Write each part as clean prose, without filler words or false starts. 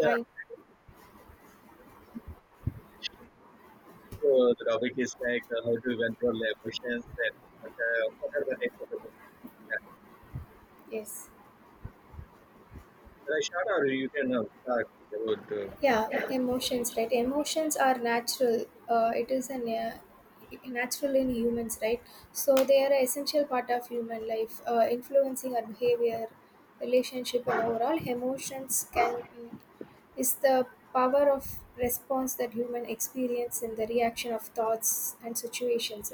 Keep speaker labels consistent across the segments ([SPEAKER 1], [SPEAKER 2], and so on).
[SPEAKER 1] Yeah.
[SPEAKER 2] Hi.
[SPEAKER 1] So the topic is like how to control the emotions and what are the types of emotions.
[SPEAKER 2] Yes.
[SPEAKER 1] Should I start or you can start about? Uh,
[SPEAKER 2] Yeah. Emotions, right? Emotions are natural. It is an natural in humans, right? So they are an essential part of human life, influencing our behavior, relationship, and overall. Emotions can is the power of response that human experience in the reaction of thoughts and situations.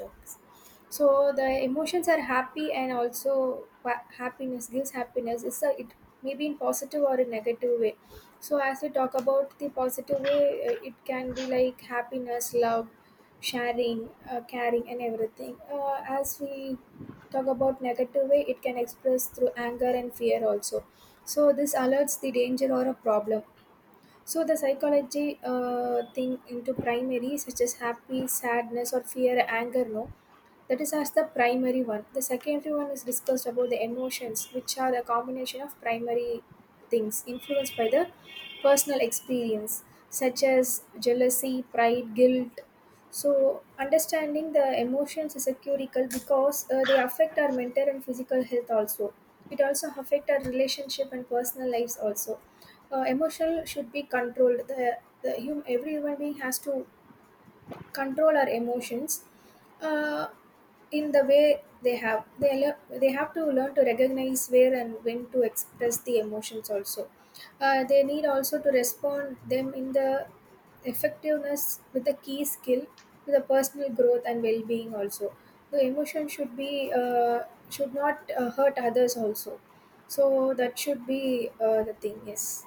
[SPEAKER 2] So the emotions are happy, and also happiness gives happiness. It's a it may be in positive or a negative way. So as we talk about the positive way, it can be like happiness, love, sharing, caring, and everything. As we talk about negative way, it can express through anger and fear also. So this alerts the danger or a problem. So the psychology thing into primary, such as happy, sadness, or fear, anger, no, that is as the primary one. The secondary one is discussed about the emotions, which are a combination of primary things influenced by the personal experience, such as jealousy, pride, guilt. So, understanding the emotions is a curical because they affect our mental and physical health also. It also affect our relationship and personal lives also. Emotional should be controlled. Every human being has to control our emotions uh, in the way they have they have to learn to recognize where and when to express the emotions also. They need also to respond them in the effectiveness with a key skill with a personal growth and well-being also. The emotion should be should not hurt others also. So that should be the thing. Yes.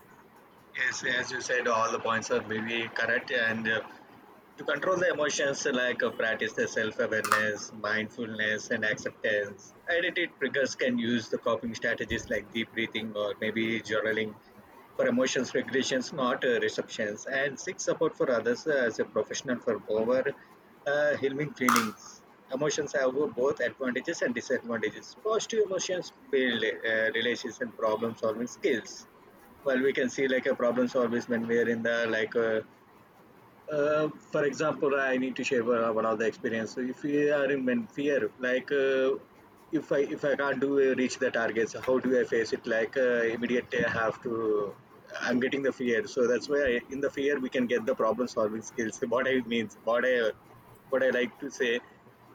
[SPEAKER 1] yes, as you said, all the points are maybe correct. And To control the emotions, like practice the self-awareness, mindfulness, and acceptance. Identity triggers can use the coping strategies like deep breathing or maybe journaling for emotions regulations, not receptions, and seek support for others as a professional for over healing feelings. Emotions have both advantages and disadvantages. Positive emotions build relations and problem solving skills. Well, we can see like a problem solving when we are in the for example, I need to share one of the experience. So, if we are in when fear, like if I can't do reach the targets, how do I face it? Like immediately, I have to. I'm getting the fear, so that's why I, in the fear we can get the problem solving skills. What I means, what I like to say,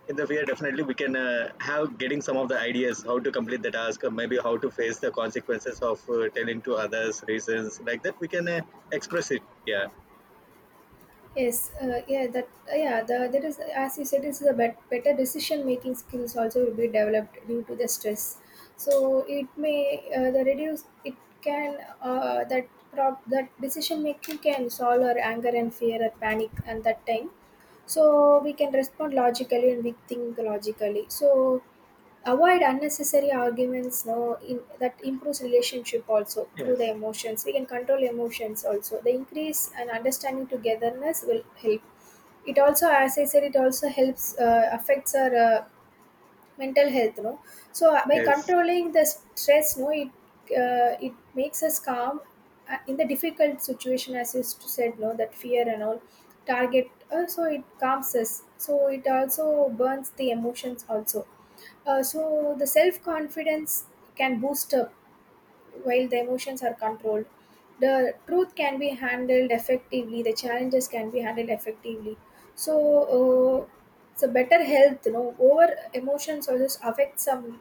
[SPEAKER 1] in the fear definitely we can have getting some of the ideas how to complete the task or maybe how to face the consequences of telling to others reasons like that. We can express it. Yeah.
[SPEAKER 2] Yes, yeah, that yeah, the, there is, as you said, this is a better decision making skills also will be developed due to the stress. So it may the reduce it can that decision making can solve our anger and fear or panic at that time. So we can respond logically, and we think logically. So avoid unnecessary arguments no in, that improves relationship also through the
[SPEAKER 1] Yes.
[SPEAKER 2] emotions. We can control emotions also, the increase and understanding togetherness will help it also. As I said, it also helps affects our mental health no. So by
[SPEAKER 1] Yes,
[SPEAKER 2] controlling the stress no it it makes us calm in the difficult situation. As you said no, that fear and all target so it calms us. So it also burns the emotions also. So the self confidence can boost up while the emotions are controlled. The truth can be handled effectively, the challenges can be handled effectively. So, uh, so better health, you know, over emotions also affect some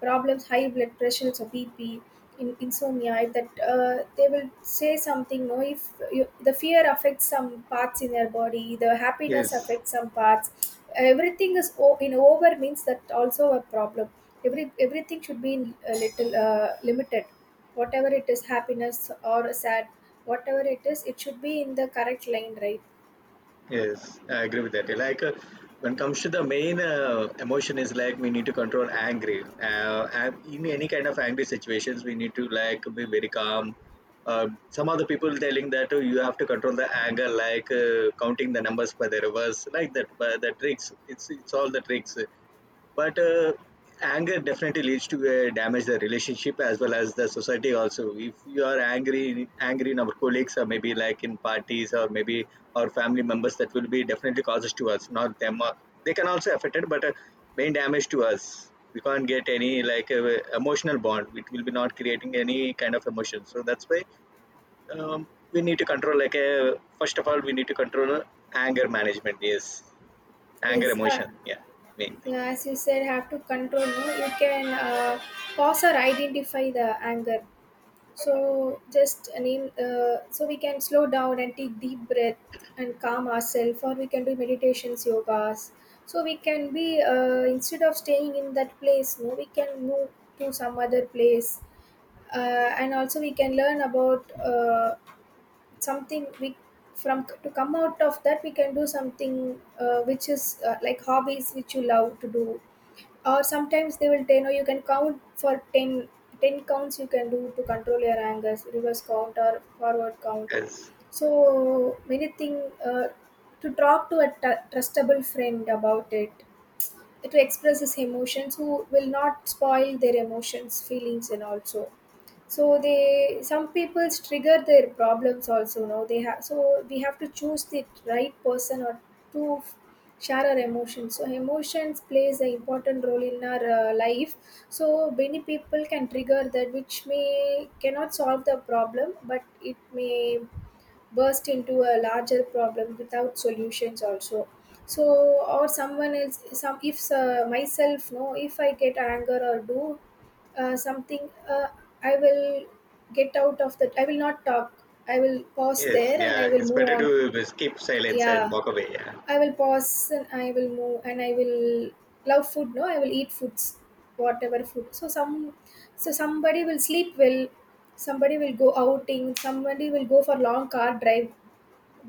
[SPEAKER 2] problems, high blood pressure, so BP, insomnia, that they will say something. No, if you, the fear affects some parts in their body, the happiness
[SPEAKER 1] yes,
[SPEAKER 2] affects some parts. Everything is in over means that also a problem. Everything should be in a little limited. Whatever it is, happiness or sad, whatever it is, it should be in the correct line, right?
[SPEAKER 1] yes. I agree with that. Like when comes to the main emotion is like we need to control angry. And in any kind of angry situations, we need to like be very calm. Some other people telling that oh, you have to control the anger, like counting the numbers by the reverse, like that. But the tricks, it's all the tricks. But anger definitely leads to damage the relationship as well as the society also. If you are angry in our colleagues or maybe like in parties or maybe our family members, that will be definitely causes to us, not them. They can also affect it, but main damage to us, we can't get any like emotional bond. It will be not creating any kind of emotion. So that's why we need to control like first of all we need to control anger management, yes, anger
[SPEAKER 2] Yes,
[SPEAKER 1] emotion, yeah, main thing,
[SPEAKER 2] as you said, have to control. No, you can pause or identify the anger. So just name. So we can slow down and take deep breath and calm ourselves, or we can do meditations, yogas. So we can be instead of staying in that place, no, we can move to some other place, and also we can learn about something we from to come out of that. We can do something which is like hobbies which you love to do, or sometimes they will tell no you can count for 10, 10 counts you can do to control your anger, reverse count or forward count,
[SPEAKER 1] yes.
[SPEAKER 2] so many things. To talk to a trustable friend about it, to express his emotions who will not spoil their emotions feelings, and also so they some people's trigger their problems also now they have. So we have to choose the right person, or to f- share our emotions. So emotions plays an important role in our life. So many people can trigger that which may cannot solve the problem, but it may burst into a larger problem without solutions also. So or someone else some, if myself no, if I get anger or do something I will get out of that, I will not talk, I will pause
[SPEAKER 1] Yes,
[SPEAKER 2] there and
[SPEAKER 1] yeah,
[SPEAKER 2] I will
[SPEAKER 1] it's
[SPEAKER 2] move
[SPEAKER 1] better
[SPEAKER 2] on.
[SPEAKER 1] to skip silence
[SPEAKER 2] Yeah,
[SPEAKER 1] and walk away. Yeah,
[SPEAKER 2] I will pause and I will move and I will love food no, I will eat foods whatever food. So some, so somebody will sleep well, somebody will go outing, somebody will go for long car drive,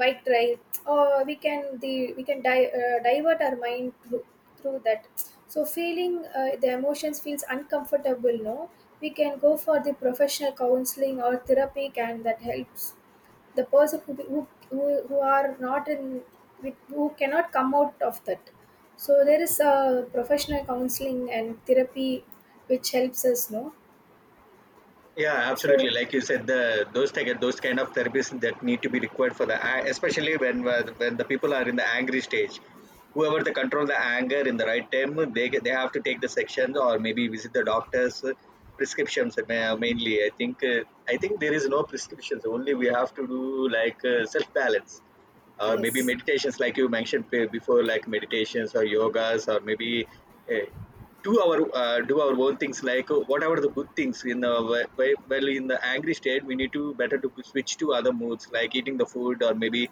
[SPEAKER 2] bike drive. Or we can the we can divert our mind through, through that. So feeling the emotions feels uncomfortable no, we can go for the professional counseling or therapy, and that helps the person who, who, who are not in who cannot come out of that. So there is a professional counseling and therapy which helps us no,
[SPEAKER 1] yeah, absolutely.
[SPEAKER 2] so.
[SPEAKER 1] Like you said, the those type, those kind of therapies that need to be required for especially when the people are in the angry stage. Whoever they control the anger in the right time, they have to take the sections or maybe visit the doctors. Prescriptions mainly. I think there is no prescriptions. Only we have to do like self balance or maybe
[SPEAKER 2] Yes.
[SPEAKER 1] meditations like you mentioned before, like meditations or yogas or maybe uh, do our own things like whatever the good things in the well, in the angry state we need to better to switch to other moods like eating the food or maybe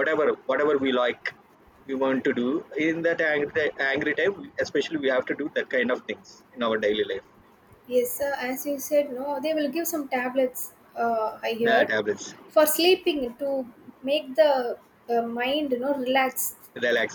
[SPEAKER 1] whatever we like, we want to do in that angry time, especially we have to do that kind of things in our daily life.
[SPEAKER 2] Yes, sir. As you said, no, they will give some tablets. I
[SPEAKER 1] Yeah,
[SPEAKER 2] heard
[SPEAKER 1] tablets,
[SPEAKER 2] for sleeping to make the mind, you know, relax.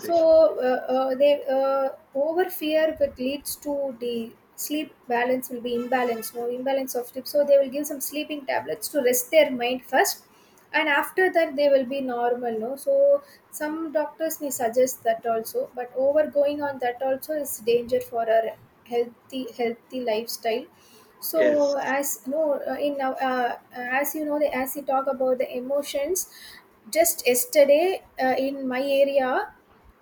[SPEAKER 2] So they over fear that leads to the sleep balance will be imbalanced, no, imbalance of sleep. So they will give some sleeping tablets to rest their mind first, and after that they will be normal. No, so some doctors may suggest that also, but over going on that also is danger for our healthy lifestyle.
[SPEAKER 1] yes,
[SPEAKER 2] So as no in now as you know the as you talk about the emotions, just yesterday in my area,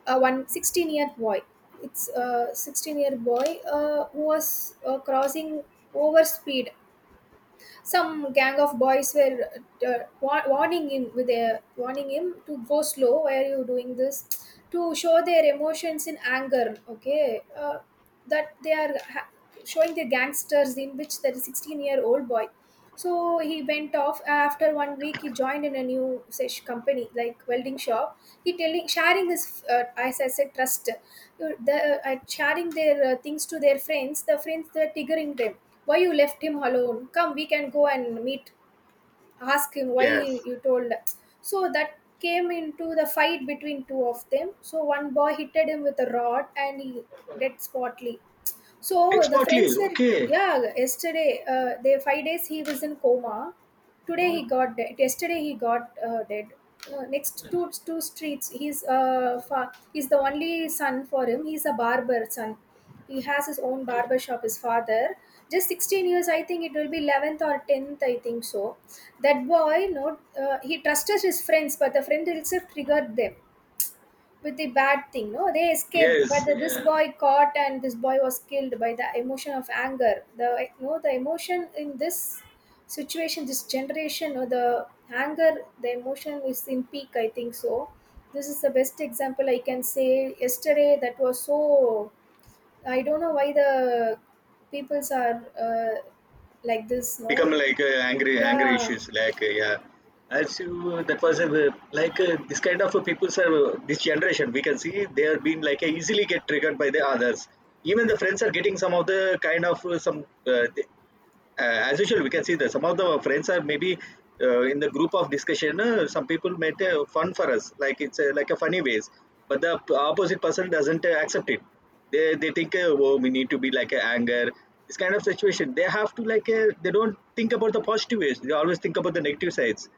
[SPEAKER 2] a one sixteen year boy, it's a 16-year year boy who was crossing over speed. Some gang of boys were warning him with a warning him to go slow, why are you doing this, to show their emotions in anger. Okay, that they are showing their gangsters, in which the 16-year-old boy, so he went off. After one week he joined in a new sesh company, like welding shop. He telling sharing his as I said trust the sharing their things to their friends. The friends they're triggering them, why you left him alone, come we can go and meet, ask him why
[SPEAKER 1] yes,
[SPEAKER 2] he, you told. So that came into the fight between two of them. So one boy hitted him with a rod, and he dead spotly. So the
[SPEAKER 1] exactly,
[SPEAKER 2] friends were,
[SPEAKER 1] okay,
[SPEAKER 2] yeah, yesterday, they 5 days he was in coma. Today he got dead. Yesterday he got dead. Next two streets, he's he's the only son for him. He's a barber son. He has his own barber shop. His father, just 16 years, I think it will be 11th or tenth, I think so. That boy, no, he trusted his friends, but the friend itself triggered them with the bad thing no. They escaped, but
[SPEAKER 1] yes,
[SPEAKER 2] the, this
[SPEAKER 1] yeah.
[SPEAKER 2] boy caught and this boy was killed by the emotion of anger. The, you know, the emotion in this situation, this generation or the anger, the emotion is in peak I think so. This is the best example I can say, yesterday that was. So I don't know why the peoples are uh, like this
[SPEAKER 1] Become
[SPEAKER 2] no.
[SPEAKER 1] like angry anger
[SPEAKER 2] Yeah.
[SPEAKER 1] issues like yeah, as you that was a like this kind of people's are this generation we can see they are being like easily get triggered by the others. Even the friends are getting some of the kind of some as usual we can see that some of the friends are maybe in the group of discussion, some people make fun for us like it's like a funny ways, but the opposite person doesn't accept it. They think oh we need to be like anger. This kind of situation they have to like they don't think about the positive ways, they always think about the negative sides.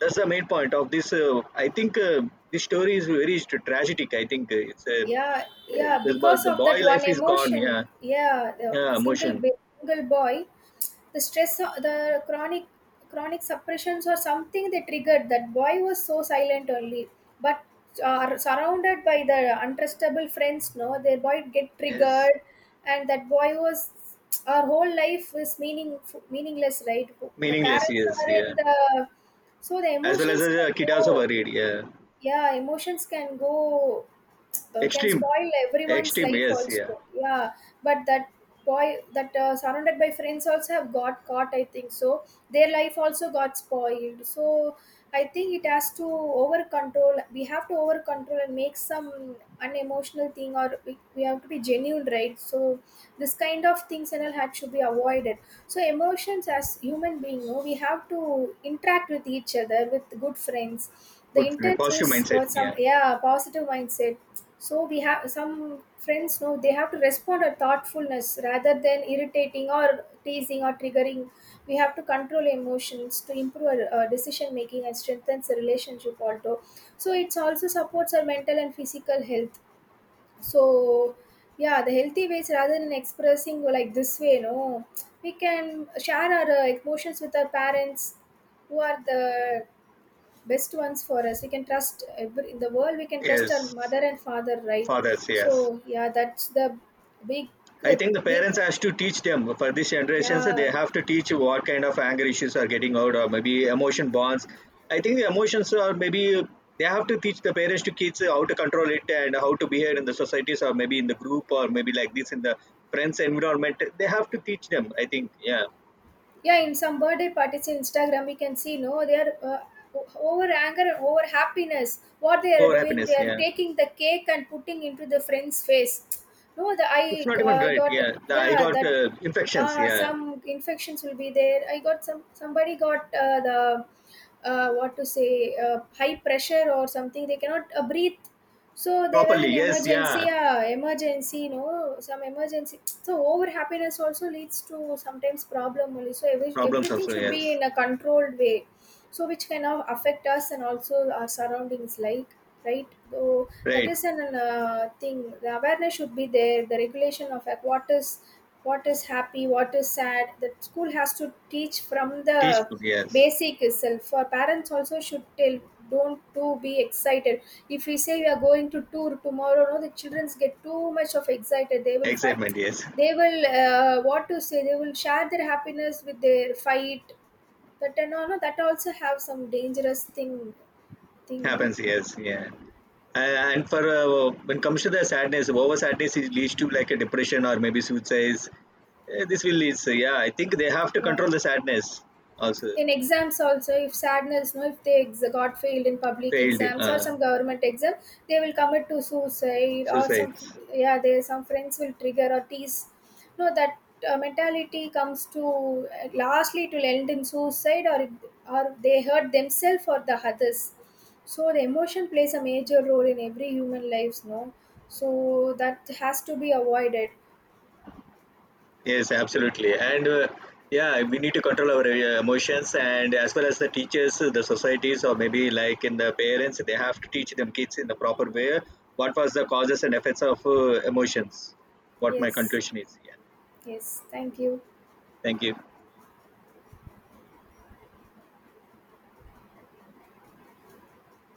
[SPEAKER 1] That's the main point of this I think this story is very tragic. I think
[SPEAKER 2] yeah yeah because
[SPEAKER 1] the
[SPEAKER 2] of
[SPEAKER 1] boy
[SPEAKER 2] that one
[SPEAKER 1] life is gone,
[SPEAKER 2] emotion,
[SPEAKER 1] yeah,
[SPEAKER 2] yeah, the
[SPEAKER 1] yeah, emotion,
[SPEAKER 2] single boy, the stress, the chronic suppressions or something they triggered. That boy was so silent only, but are surrounded by the untrustable friends no, their boy get
[SPEAKER 1] yes.
[SPEAKER 2] triggered. And that boy was, our whole life is meaning meaningless, right? The
[SPEAKER 1] Meaningless,
[SPEAKER 2] parents
[SPEAKER 1] yes,
[SPEAKER 2] are
[SPEAKER 1] yeah.
[SPEAKER 2] in the, so the
[SPEAKER 1] As well as
[SPEAKER 2] emotions can
[SPEAKER 1] a kid also
[SPEAKER 2] go,
[SPEAKER 1] worried, yeah.
[SPEAKER 2] yeah emotions can go can
[SPEAKER 1] Extreme,
[SPEAKER 2] spoil everyone's
[SPEAKER 1] extreme,
[SPEAKER 2] life
[SPEAKER 1] yes, yeah.
[SPEAKER 2] also, yeah. But that boy that surrounded by friends also have got caught I think so. Their life also got spoiled. So I think it has to over control, we have to over control and make some unemotional thing. Or we have to be genuine, right? So this kind of things and all had should be avoided. So emotions as human being no, we have to interact with each other with good friends. The
[SPEAKER 1] Good, feeling,
[SPEAKER 2] intent
[SPEAKER 1] positive
[SPEAKER 2] is
[SPEAKER 1] mindset,
[SPEAKER 2] what some,
[SPEAKER 1] yeah.
[SPEAKER 2] yeah positive mindset. So we have some friends. No, they have to respond a thoughtfulness rather than irritating or teasing or triggering. We have to control emotions to improve our decision making and strengthens the relationship also. So it's also supports our mental and physical health. So yeah, the healthy ways rather than expressing like this way no, we can share our emotions with our parents who are the best ones for us. We can trust in the world we can trust our
[SPEAKER 1] Yes,
[SPEAKER 2] mother and father, right?
[SPEAKER 1] fathers, yes.
[SPEAKER 2] So yeah, that's the big
[SPEAKER 1] I
[SPEAKER 2] uh,
[SPEAKER 1] think the
[SPEAKER 2] big,
[SPEAKER 1] parents has to teach them for this generations. They
[SPEAKER 2] yeah.
[SPEAKER 1] have to teach what kind of anger issues are getting out, or maybe emotion bonds. I think the emotions are maybe they have to teach the parents to kids how to control it and how to behave in the societies, or maybe in the group, or maybe like this in the friends environment. They have to teach them. I think, yeah.
[SPEAKER 2] Yeah, in some birthday parties in Instagram we can see no, they are o- over anger and over happiness. What they are
[SPEAKER 1] Over
[SPEAKER 2] doing, they
[SPEAKER 1] happiness,
[SPEAKER 2] are
[SPEAKER 1] yeah.
[SPEAKER 2] taking the cake and putting into the friend's face, no. The
[SPEAKER 1] It's
[SPEAKER 2] I
[SPEAKER 1] not even right.
[SPEAKER 2] got,
[SPEAKER 1] Yeah, the- I
[SPEAKER 2] yeah
[SPEAKER 1] got
[SPEAKER 2] that
[SPEAKER 1] infections. Yeah,
[SPEAKER 2] some infections will be there. I got some, somebody got the what to say high pressure or something, they cannot breathe. So they were
[SPEAKER 1] properly.
[SPEAKER 2] in
[SPEAKER 1] Yes. Yeah,
[SPEAKER 2] emergency, emergency, you know, some emergency. So over happiness also leads to sometimes problem only. So
[SPEAKER 1] problems
[SPEAKER 2] everything
[SPEAKER 1] also.
[SPEAKER 2] should be
[SPEAKER 1] Yes.
[SPEAKER 2] in a controlled way, so which can now affect us and also our surroundings, like right. So that
[SPEAKER 1] Right.
[SPEAKER 2] is an thing. The awareness should be there. The regulation of like what is happy, what is sad. That school has to teach from
[SPEAKER 1] Teach
[SPEAKER 2] the
[SPEAKER 1] food. Yes.
[SPEAKER 2] basic itself. Parents also should tell, don't too be excited. If we say we are going to tour tomorrow, no, the childrens get too much of excited. They will fight.
[SPEAKER 1] Excitement. Yes.
[SPEAKER 2] They will what to say, they will share their happiness with their fight. But and all, no, that also have some dangerous thing. Thing, no.
[SPEAKER 1] Happens. Yes. Yeah. And for when comes to the sadness, over sadness it leads to like a depression or maybe suicide. Eh, this will lead. So yeah, I think they have to
[SPEAKER 2] Yeah.
[SPEAKER 1] control the sadness. Also
[SPEAKER 2] In exams also if sadness no, if they got failed in public
[SPEAKER 1] failed,
[SPEAKER 2] exams or some government exam, they will commit to suicide or some.
[SPEAKER 1] suicides.
[SPEAKER 2] Yeah they some friends will trigger or tease, no that mentality comes to lastly it will end in suicide or it, or they hurt themselves or the others. So the emotion plays a major role in every human lives no, so that has to be avoided.
[SPEAKER 1] Yes, absolutely. And yeah, we need to control our emotions, and as well as the teachers, the societies, or maybe like in the parents, they have to teach them kids in the proper way what was the causes and effects of emotions. What my
[SPEAKER 2] Yes.
[SPEAKER 1] conclusion is. Yeah.
[SPEAKER 2] Yes, thank you.
[SPEAKER 1] Thank you.